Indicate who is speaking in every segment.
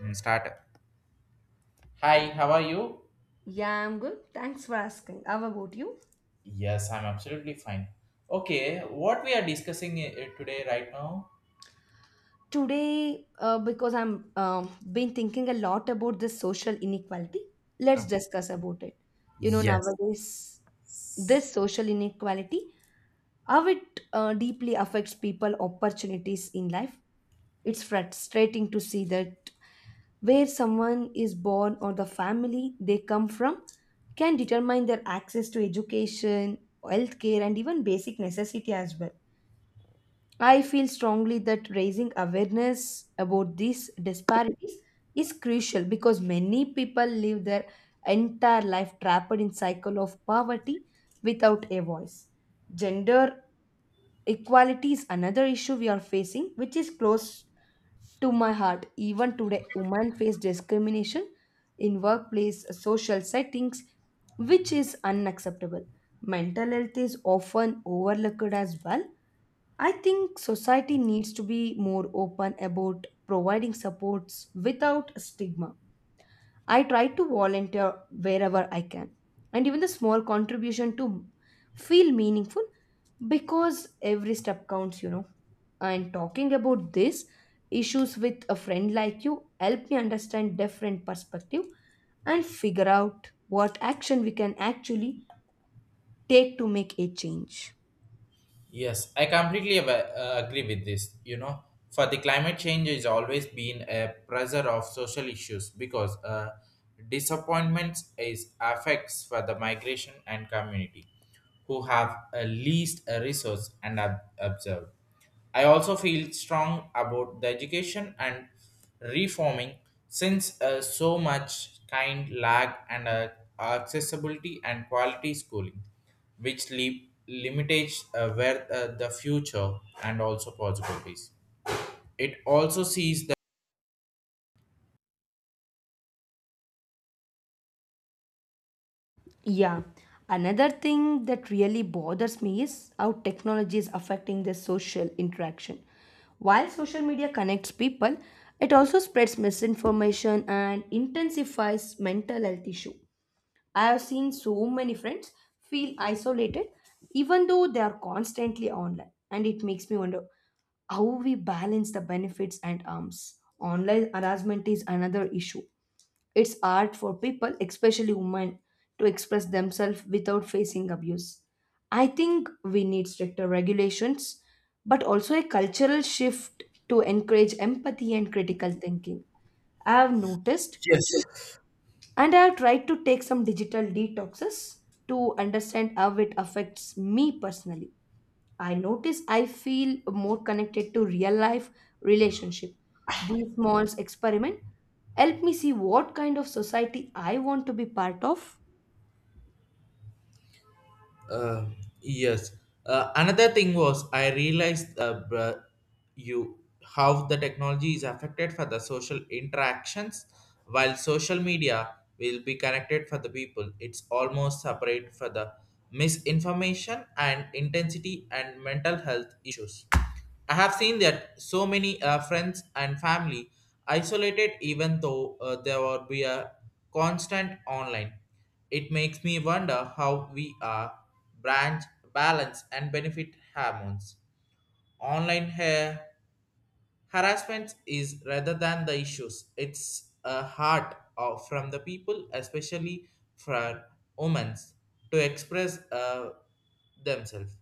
Speaker 1: Start. Hi, how are you?
Speaker 2: Yeah, I'm good. Thanks for asking. How about you?
Speaker 1: Yes, I'm absolutely fine. Okay, what we are discussing today right now?
Speaker 2: Today, because I'm been thinking a lot about this social inequality,
Speaker 1: Uh,
Speaker 2: let's discuss about it. You know,
Speaker 1: Yes.
Speaker 2: nowadays, this social inequality, how it deeply affects people opportunities in life. It's frustrating to see that where someone is born or the family they come from can determine their access to education, healthcare, and even basic necessity as well. I feel strongly that raising awareness about these disparities is crucial because many people live their entire life trapped in cycle of poverty without a voice. Gender equality is another issue we are facing, which is close to my heart. Even today, women face discrimination in workplace, social settings, which is unacceptable. Mental health is often overlooked as well. I think society needs to be more open about providing supports without stigma. I try to volunteer wherever I can, and even the small contribution to feel meaningful because every step counts. And talking about these issues with a friend like you help me understand different perspective and figure out what action we can actually take to make a change.
Speaker 1: Yes, I completely agree with this. You know, for the climate change is always been a pressure of social issues because disappointments is affects for the migration and community who have a least a resource and observed. I also feel strong about the education and reforming since so much kind lack and accessibility and quality schooling, which leave limitates where the future and also possibilities. It also sees the
Speaker 2: Yeah. Another thing that really bothers me is how technology is affecting the social interaction. While social media connects people, it also spreads misinformation and intensifies mental health issue. I have seen so many friends feel isolated even though they are constantly online, and it makes me wonder how we balance the benefits and harms. Online harassment is another issue, it's art for people, especially women, to express themselves without facing abuse. I think we need stricter regulations, but also a cultural shift to encourage empathy and critical thinking. I have noticed,
Speaker 1: Yes.
Speaker 2: and I have tried to take some digital detoxes to understand how it affects me personally. I notice I feel more connected to real life relationship. These small experiment help me see what kind of society I want to be part of.
Speaker 1: Uh, yes. Another thing was I realized you how the technology is affected for the social interactions, while social media will be connected for the people. It's almost separate for the misinformation and intensity and mental health issues. I have seen that so many friends and family isolated even though there would be a constant online. It makes me wonder how we are branch balance and benefit hormones. Online hair Harassment is rather than the issues. It's a heart of, from the people, especially for women, to express themselves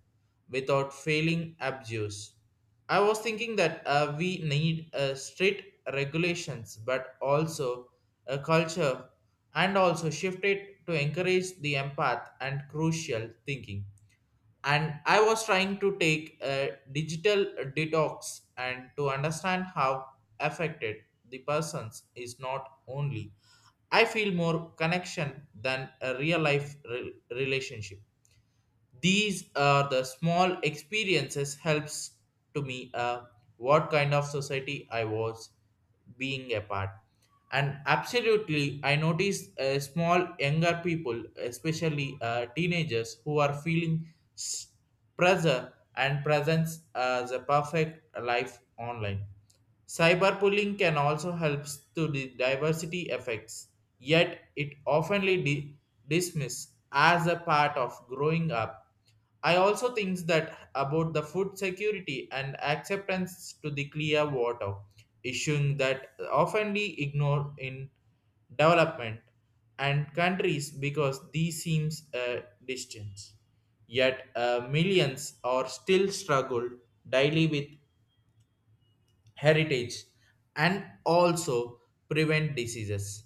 Speaker 1: without feeling abused. I was thinking that we need strict regulations, but also a culture, and also shift it to encourage the empath and crucial thinking, and I was trying to take a digital detox and to understand how affected the persons is not only I feel more connection than a real life relationship. These are the small experiences helps to me what kind of society I was being a part. And absolutely, I notice small younger people, especially teenagers, who are feeling pressure and presence as a perfect life online. Cyberbullying can also help to the diversity effects, yet it oftenly dismissed as a part of growing up. I also think that about the food security and acceptance to the clear water, issuing that oftenly ignored in development and countries because these seems a distance. Yet millions are still struggled daily with heritage and also prevent diseases.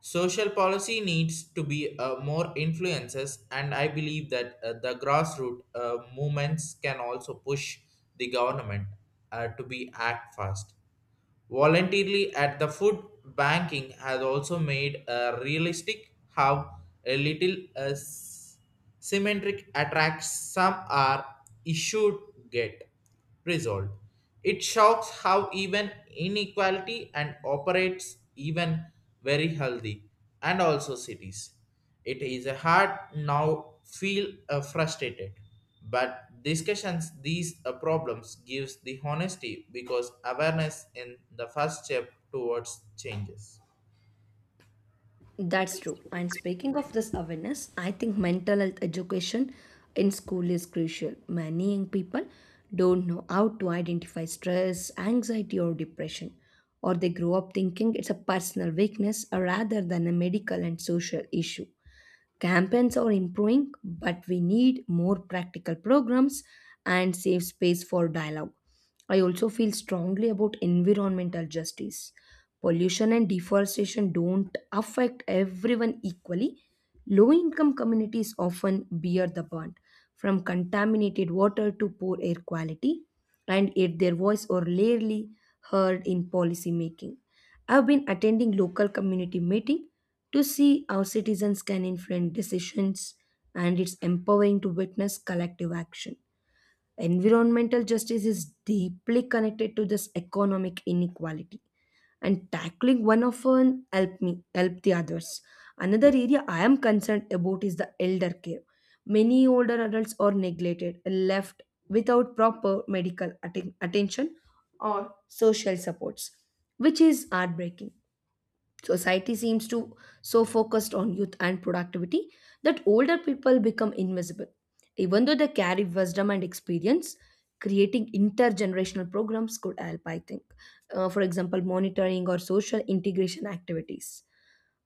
Speaker 1: Social policy needs to be more influences, and I believe that the grassroots movements can also push the government to be act fast voluntarily at the food banking has also made a realistic how a little symmetric attracts some are issued get resolved. It shocks how even inequality and operates even very healthy and also cities. It is hard now feel frustrated, but discussions these problems gives the honesty because awareness in the first step towards changes.
Speaker 2: That's true. And speaking of this awareness, I think mental health education in school is crucial. Many young people don't know how to identify stress, anxiety, or depression, or they grow up thinking it's a personal weakness rather than a medical and social issue. Campaigns are improving, but we need more practical programs and safe space for dialogue. I also feel strongly about environmental justice. Pollution and deforestation don't affect everyone equally. Low income communities often bear the burn, from contaminated water to poor air quality, and yet their voice are rarely heard in policy making. I've been attending local community meeting to see how citizens can influence decisions, and it's empowering to witness collective action. Environmental justice is deeply connected to this economic inequality, and tackling one of them help me help the others. Another area I am concerned about is the elder care. Many older adults are neglected, left without proper medical attention or social supports, which is heartbreaking. Society seems to so focused on youth and productivity that older people become invisible. Even though they carry wisdom and experience, creating intergenerational programs could help, I think. For example, monitoring or social integration activities.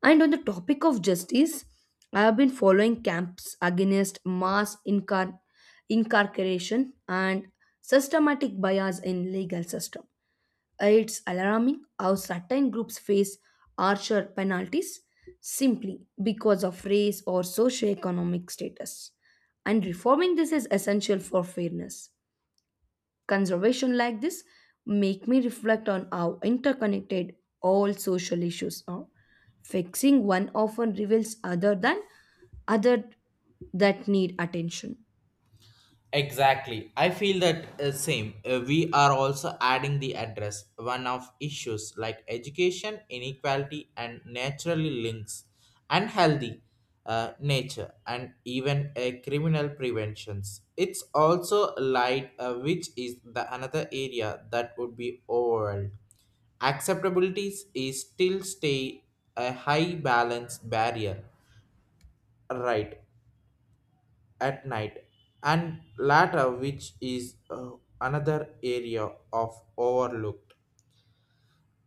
Speaker 2: And on the topic of justice, I have been following camps against mass incarceration and systematic bias in legal system. It's alarming how certain groups face harsher penalties simply because of race or socioeconomic status. And reforming this is essential for fairness. Conservation like this make me reflect on how interconnected all social issues are. Fixing one often reveals other that need attention.
Speaker 1: Exactly. I feel that same. We are also adding the address one of issues like education, inequality, and naturally links, unhealthy nature, and even criminal preventions. It's also light, which is the another area that would be overwhelmed. Acceptability is still stay a high balance barrier. Right at night and latter, which is another area of overlooked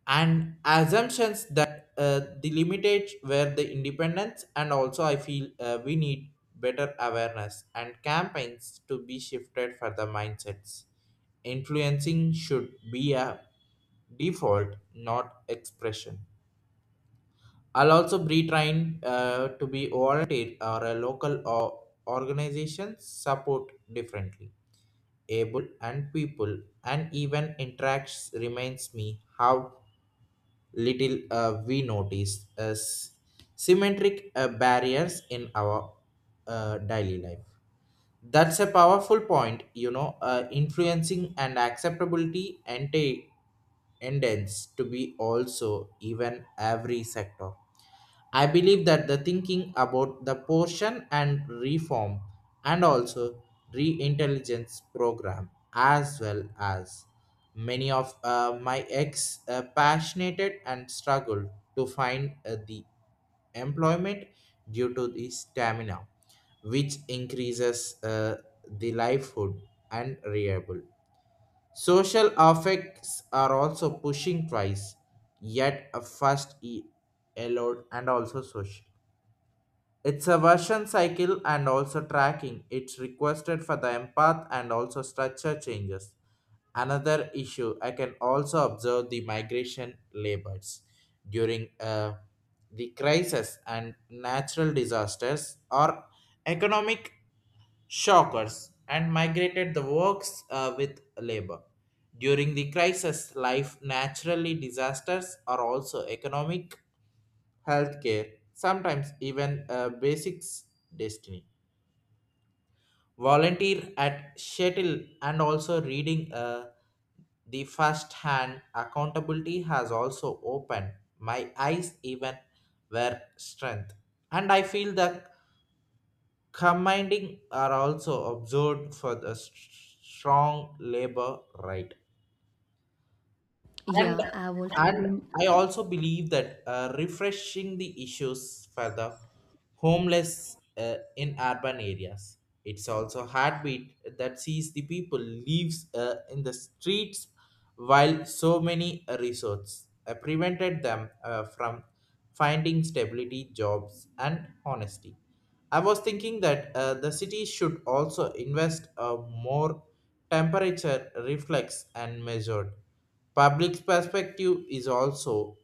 Speaker 1: and assumptions that the limited were the independence, and also I feel we need better awareness and campaigns to be shifted for the mindsets. Influencing should be a default, not expression. I'll also be trained to be volunteer or a local or organization support differently able and people, and even interacts reminds me how little we notice as symmetric barriers in our daily life. That's a powerful point, you know, influencing and acceptability and a tends to be also even every sector. I believe that the thinking about the portion and reform and also re-intelligence program, as well as many of my ex passionate and struggled to find the employment due to the stamina, which increases the livelihood and reliable. Social affects are also pushing twice, yet a first allowed and also social. It's a version cycle and also tracking. It's requested for the empath and also structure changes. Another issue I can also observe the migration labors during the crisis and natural disasters or economic shockers and migrated the works with labor. During the crisis, life naturally disasters are also economic, healthcare, sometimes even basics destiny. Volunteer at shuttle and also reading the first hand accountability has also opened my eyes even where strength. And I feel the commanding are also observed for the strong labor right and
Speaker 2: Yeah, I've also
Speaker 1: and
Speaker 2: been
Speaker 1: I also believe that refreshing the issues for the homeless in urban areas. It's also a heartbeat that sees the people lives in the streets while so many resorts prevented them from finding stability jobs and honesty. I was thinking that the city should also invest a more temperature reflex and measured. Public perspective is also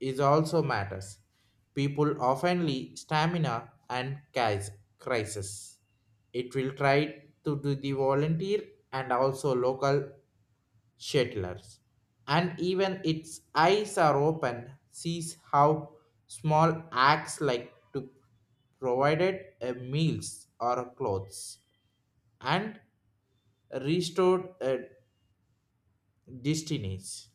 Speaker 1: matters. People oftenly stamina and case crisis. It will try to do the volunteer and also local settlers, and even its eyes are open, sees how small acts like to provided a meals or clothes and restored destinies.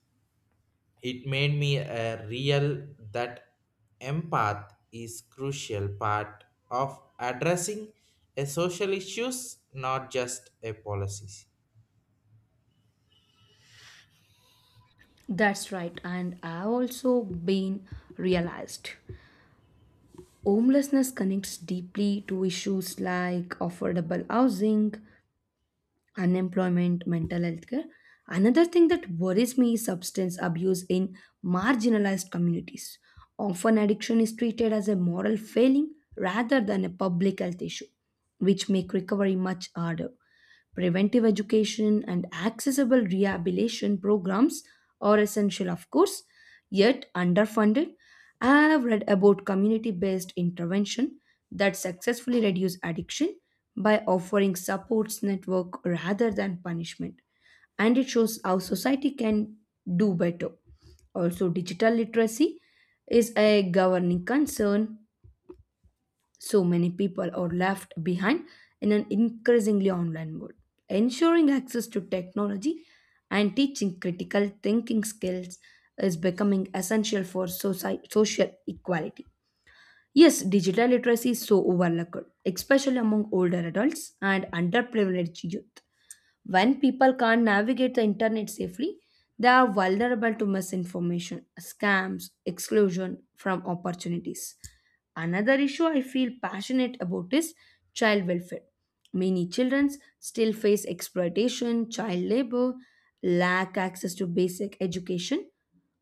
Speaker 1: It made me a real that empath is crucial part of addressing a social issues, not just a policies.
Speaker 2: that's right, and I've also been realized. Homelessness connects deeply to issues like affordable housing, unemployment, mental health care. Another thing that worries me is substance abuse in marginalized communities. Often, addiction is treated as a moral failing rather than a public health issue, which make recovery much harder. Preventive education and accessible rehabilitation programs are essential, of course, yet underfunded. I have read about community based intervention that successfully reduce addiction by offering supports network rather than punishment, and it shows how society can do better. Also, digital literacy is a governing concern. So many people are left behind in an increasingly online world. Ensuring access to technology and teaching critical thinking skills is becoming essential for social equality. Yes, digital literacy is so overlooked, especially among older adults and underprivileged youth. When people can't navigate the internet safely, they are vulnerable to misinformation, scams, exclusion from opportunities. Another issue I feel passionate about is child welfare. Many children still face exploitation, child labor, lack access to basic education.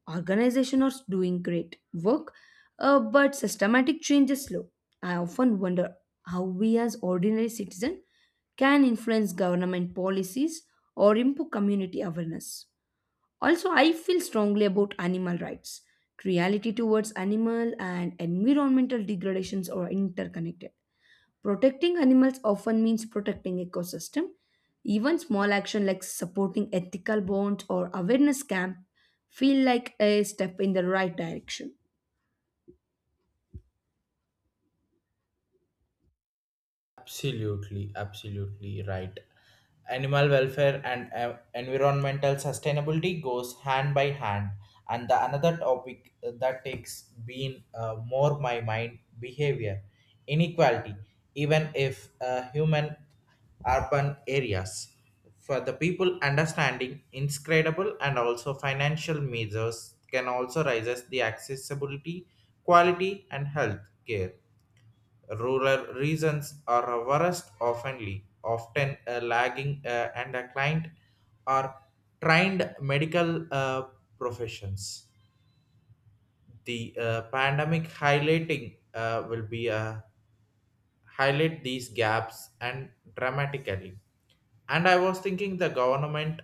Speaker 2: Organization are doing great work, but systematic change is slow. I often wonder how we as ordinary citizens can influence government policies or improve community awareness. Also, I feel strongly about animal rights. Cruelty towards animal and environmental degradations are interconnected. Protecting animals often means protecting ecosystem. Even small action like supporting ethical bonds or awareness camp feel like a step in the right direction.
Speaker 1: Absolutely, absolutely right. Animal welfare and environmental sustainability goes hand by hand. And the another topic that takes been more my mind behavior inequality, even if human urban areas. For the people understanding, inscrutable and also financial measures can also raises the accessibility, quality, and health care. Rural regions are a worst oftenly, often lagging and a client are trained medical professions. The pandemic highlighting will be highlight these gaps and dramatically. And I was thinking the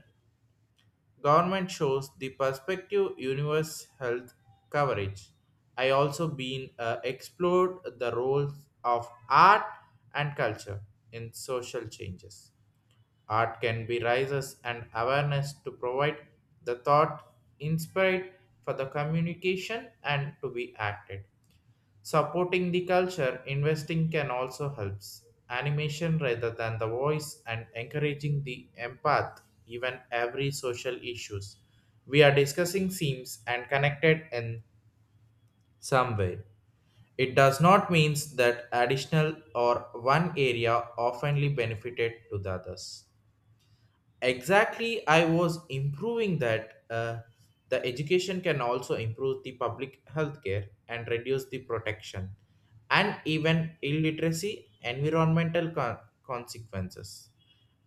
Speaker 1: Government shows the perspective universe health coverage. I also been explored the roles of art and culture in social changes. Art can be raises and awareness to provide the thought inspired for the communication and to be acted. Supporting the culture, investing can also helps. Animation rather than the voice and encouraging the empath, even every social issues. We are discussing seems and connected in some way. It does not means that additional or one area oftenly benefited to the others. Exactly, I was improving that the education can also improve the public health care and reduce the protection and even illiteracy environmental consequences.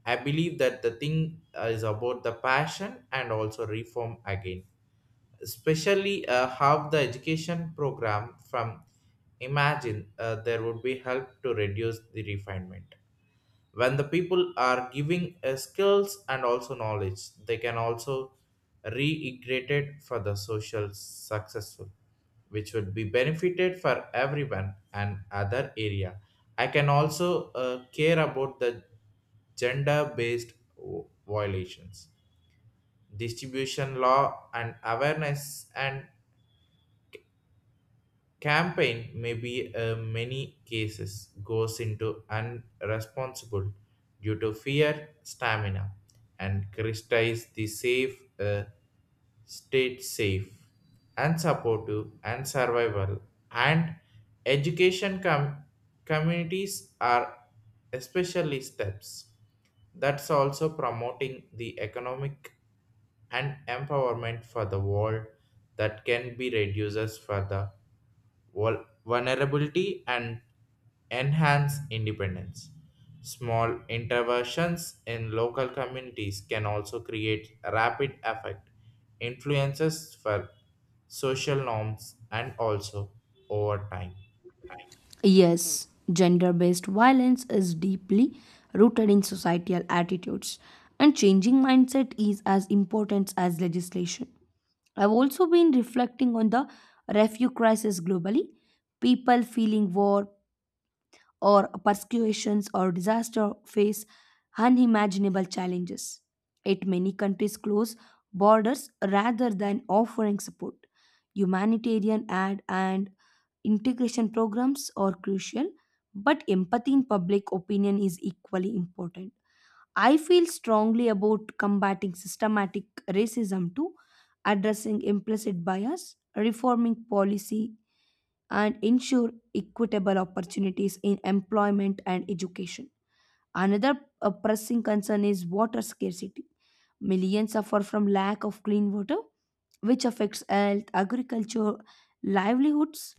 Speaker 1: I believe that the thing is about the passion and also reform again, especially how the education program from imagine there would be help to reduce the refinement. When the people are giving skills and also knowledge, they can also reintegrated for the social successful, which would be benefited for everyone. And other area I can also care about the gender based violations, distribution law and awareness, and campaign may be many cases goes into unresponsible due to fear, stamina, and criticize the safe state safe and supportive and survival and education communities are especially steps. That's also promoting the economic and empowerment for the world that can be reduces further vulnerability and enhance independence. Small interventions in local communities can also create rapid effect influences for social norms and also over time.
Speaker 2: Yes, gender based violence is deeply rooted in societal attitudes, and changing mindset is as important as legislation. I've also been reflecting on the refugee crisis globally. People feeling war, or persecutions or disaster face unimaginable challenges. Yet many countries close borders rather than offering support. Humanitarian aid and integration programs are crucial, but empathy in public opinion is equally important. I feel strongly about combating systematic racism too, addressing implicit bias, reforming policy and ensure equitable opportunities in employment and education. Another pressing concern is water scarcity. Millions suffer from lack of clean water, which affects health, agriculture, livelihoods.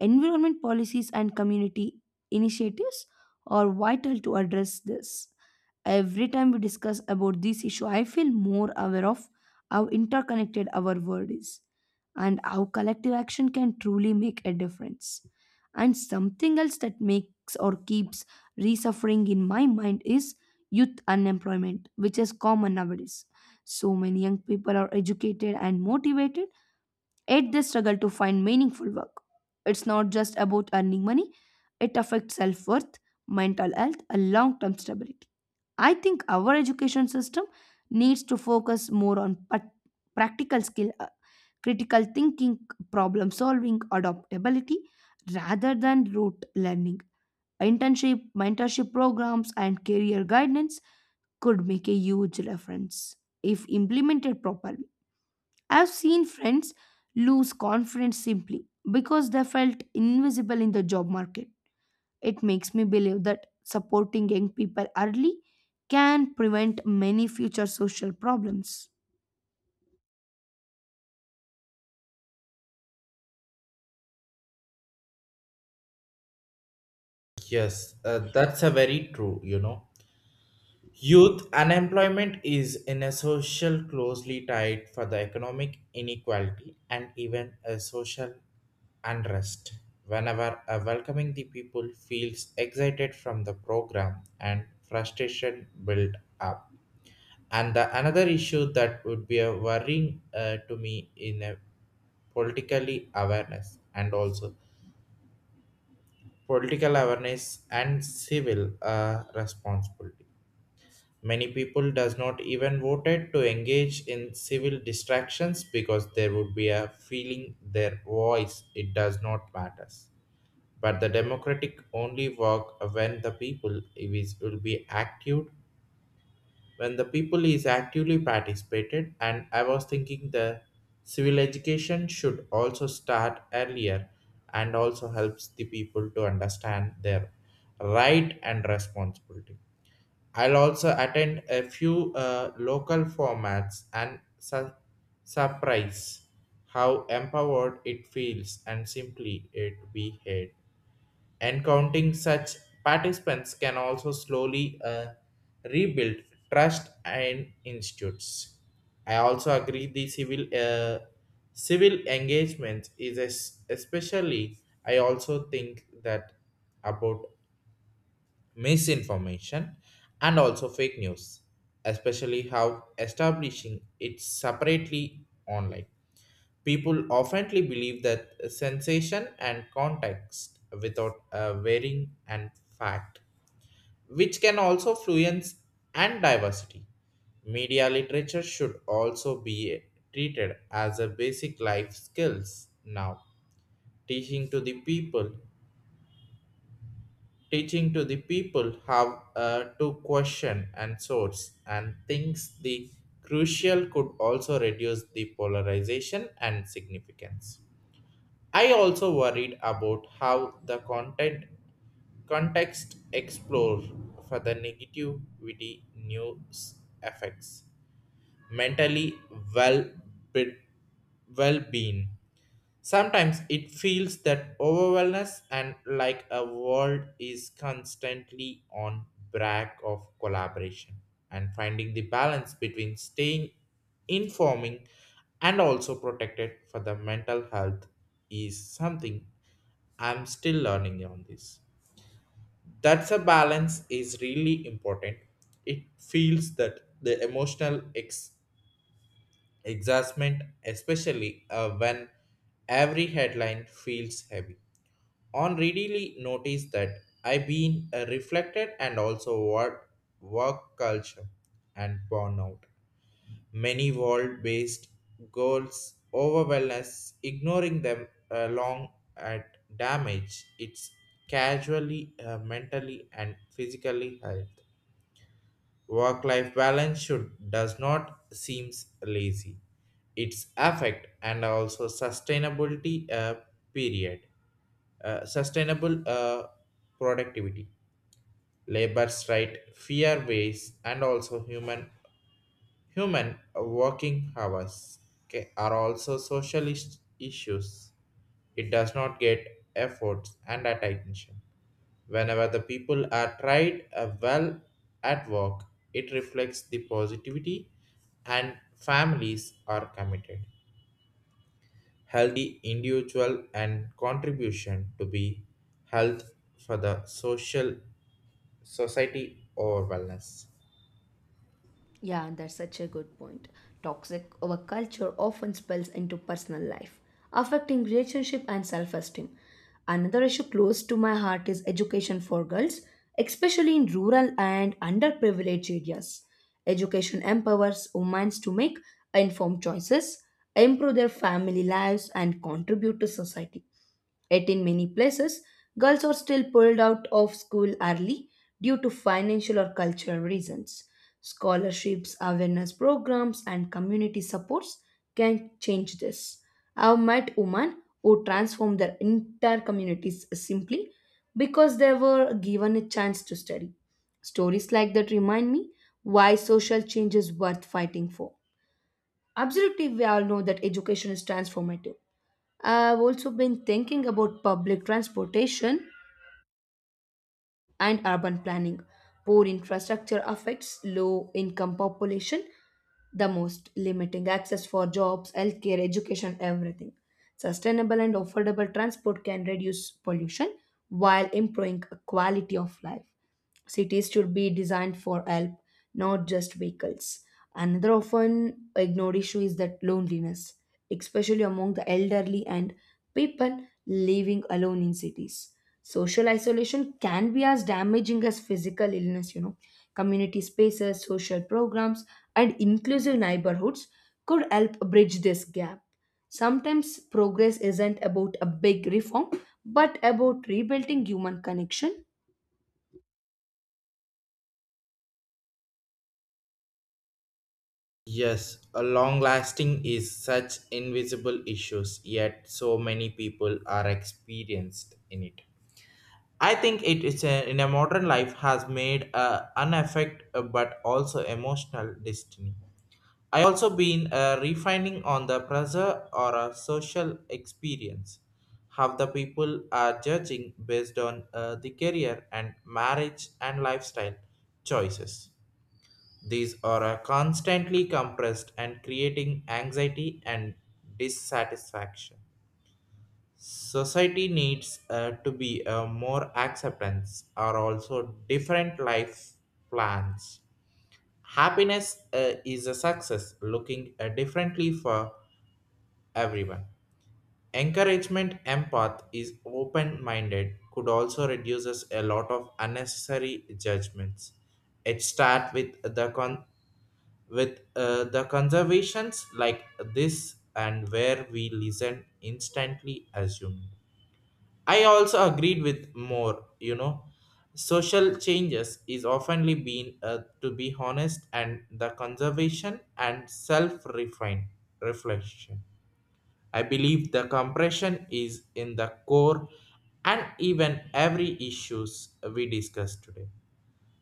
Speaker 2: Environment policies and community initiatives are vital to address this. Every time we discuss about this issue, I feel more aware of how interconnected our world is and how collective action can truly make a difference. And something else that makes or keeps resuffering in my mind is youth unemployment, which is common nowadays. So many young people are educated and motivated, yet they struggle to find meaningful work. It's not just about earning money, it affects self-worth, mental health and long-term stability. I think our education system needs to focus more on practical skill, critical thinking, problem solving, adaptability, rather than rote learning. Internship, mentorship programs, and career guidance could make a huge difference if implemented properly. I've seen friends lose confidence simply because they felt invisible in the job market. It makes me believe that supporting young people early can prevent many future social problems.
Speaker 1: Yes, that's a very true, you know. Youth unemployment is in a social closely tied for the economic inequality and even a social unrest. Whenever a welcoming the people feels excited from the program and frustration build up. And the another issue that would be a worrying to me in a politically awareness and also political awareness and civil responsibility. Many people does not even voted to engage in civil distractions because there would be a feeling their voice it does not matters. But the democratic only work when the people is will be active when the people is actively participated, and I was thinking the civil education should also start earlier and also helps the people to understand their right and responsibility. I'll also attend a few local formats and surprise how empowered it feels and simply it to be heard. Encountering such participants can also slowly rebuild trust in institutes. I also agree the civil civil engagement is especially. I also think that about misinformation, and also fake news, especially how establishing it separately online. People oftenly believe that sensation and context without varying and fact, which can also fluence and diversity. Media literature should also be treated as a basic life skills now, teaching to the people teaching to the people how to question and source and thinks the crucial could also reduce the polarization and significance. I also worried about how the content context explore for the negativity news effects mentally well well being. Sometimes it feels that overwhelmness and like a world is constantly on brag of collaboration, and finding the balance between staying informing and also protected for the mental health is something I'm still learning on this. That's a balance is really important. It feels that the emotional exasperate, especially when every headline feels heavy. On really notice that I've been reflected and also work, work culture and burnout. Many world-based goals over wellness, ignoring them long at damage. It's casually, mentally and physically health. Work life balance should does not seems lazy. Its affect and also sustainability period. Sustainable productivity, labor's right, fair ways, and also human working hours okay, are also social issues. It does not get efforts and attention. Whenever the people are tried well at work, it reflects the positivity and families are committed. Healthy individual and contribution to be health for the social society or wellness.
Speaker 2: Yeah, that's such a good point. Toxic overculture often spills into personal life, affecting relationship and self-esteem. Another issue close to my heart is education for girls, especially in rural and underprivileged areas. Education empowers women to make informed choices, improve their family lives, and contribute to society. Yet, in many places, girls are still pulled out of school early due to financial or cultural reasons. Scholarships, awareness programs, and community supports can change this. I've met women who transformed their entire communities simply because they were given a chance to study. Stories like that remind me why social change is worth fighting for. Absolutely, we all know that education is transformative. I've also been thinking about public transportation and urban planning. Poor infrastructure affects low income population the most, limiting access for jobs, healthcare, education, everything. Sustainable and affordable transport can reduce pollution while improving quality of life. Cities should be designed for help, not just vehicles. Another often ignored issue is that loneliness, especially among the elderly and people living alone in cities. Social isolation can be as damaging as physical illness, you know. Community spaces, social programs, and inclusive neighborhoods could help bridge this gap. Sometimes progress isn't about a big reform, but about rebuilding human connection.
Speaker 1: Yes, a long lasting is such invisible issues, yet so many people are experienced in it. I think it is a, in a modern life has made a unaffect but also emotional destiny. I also been refining on the pressure or a social experience. How the people are judging based on the career and marriage and lifestyle choices. These are constantly compressed and creating anxiety and dissatisfaction society needs to be more acceptance are also different life plans happiness is a success looking differently for everyone encouragement empath is open minded could also reduces a lot of unnecessary judgments it start with the con with the conservations like this and where we listen instantly assume I also agreed with more, you know. Social changes is oftenly been to be honest and the conservation and self refine reflection. I believe the compression is in the core and even every issues we discuss today.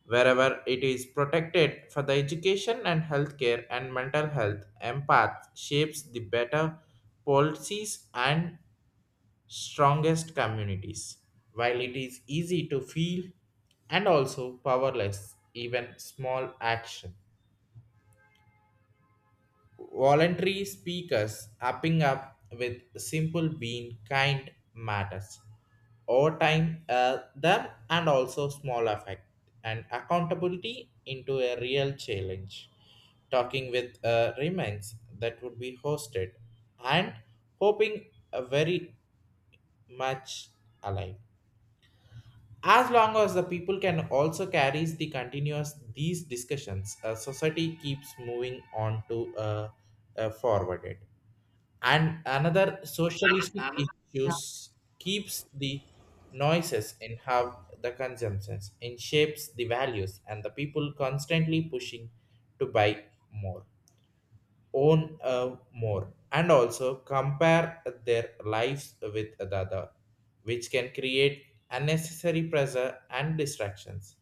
Speaker 1: Wherever it is protected for the education and healthcare and mental health, empath shapes the better policies and strongest communities. While it is easy to feel and also powerless, even small action. Voluntary speakers upping up with simple being kind matters. Over time, them and also small effect and accountability into a real challenge. Talking with remains that would be hosted and hoping very much alive. As long as the people can also carries the continuous these discussions, society keeps moving on to forwarded. And another socialistic
Speaker 2: Yeah,
Speaker 1: issues keeps the noises in how the consumptions and shapes the values and the people constantly pushing to buy more own more and also compare their lives with the other, which can create unnecessary pressure and distractions.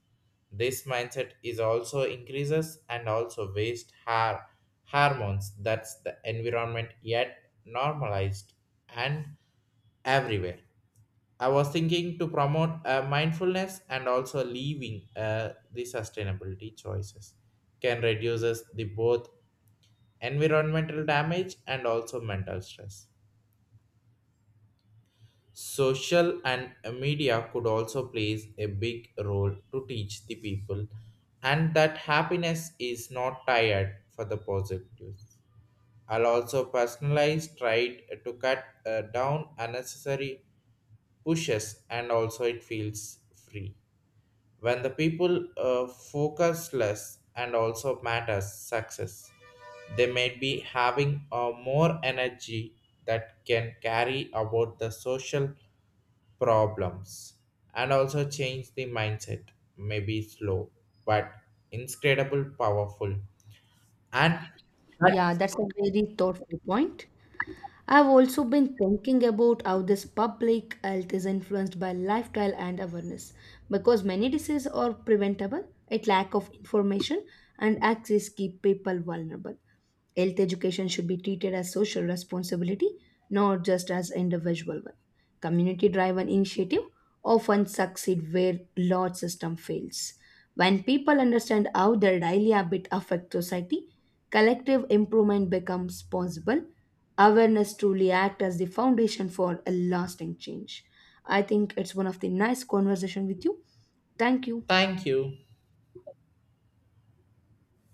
Speaker 1: This mindset is also increases and also waste hormones that's the environment yet normalized and everywhere. I was thinking to promote mindfulness and also leaving the sustainability choices can reduces the both environmental damage, and also mental stress. Social and media could also plays a big role to teach the people and that happiness is not tired for the positive. I'll also personalize tried to cut down unnecessary pushes and also it feels free. When the people focus less and also matters success they may be having more energy that can carry about the social problems and also change the mindset maybe slow but incredible powerful and that,
Speaker 2: yeah, that's a very thoughtful point. I've also been thinking about how this public health is influenced by lifestyle and awareness because many diseases are preventable, a lack of information and access keep people vulnerable. Health education should be treated as social responsibility, not just as individual one. Community driven initiative often succeed where large system fails. When people understand how their daily habit affect society, collective improvement becomes possible. Awareness truly act as the foundation for a lasting change. I think it's one of the nice conversation with you. Thank you.
Speaker 1: thank you.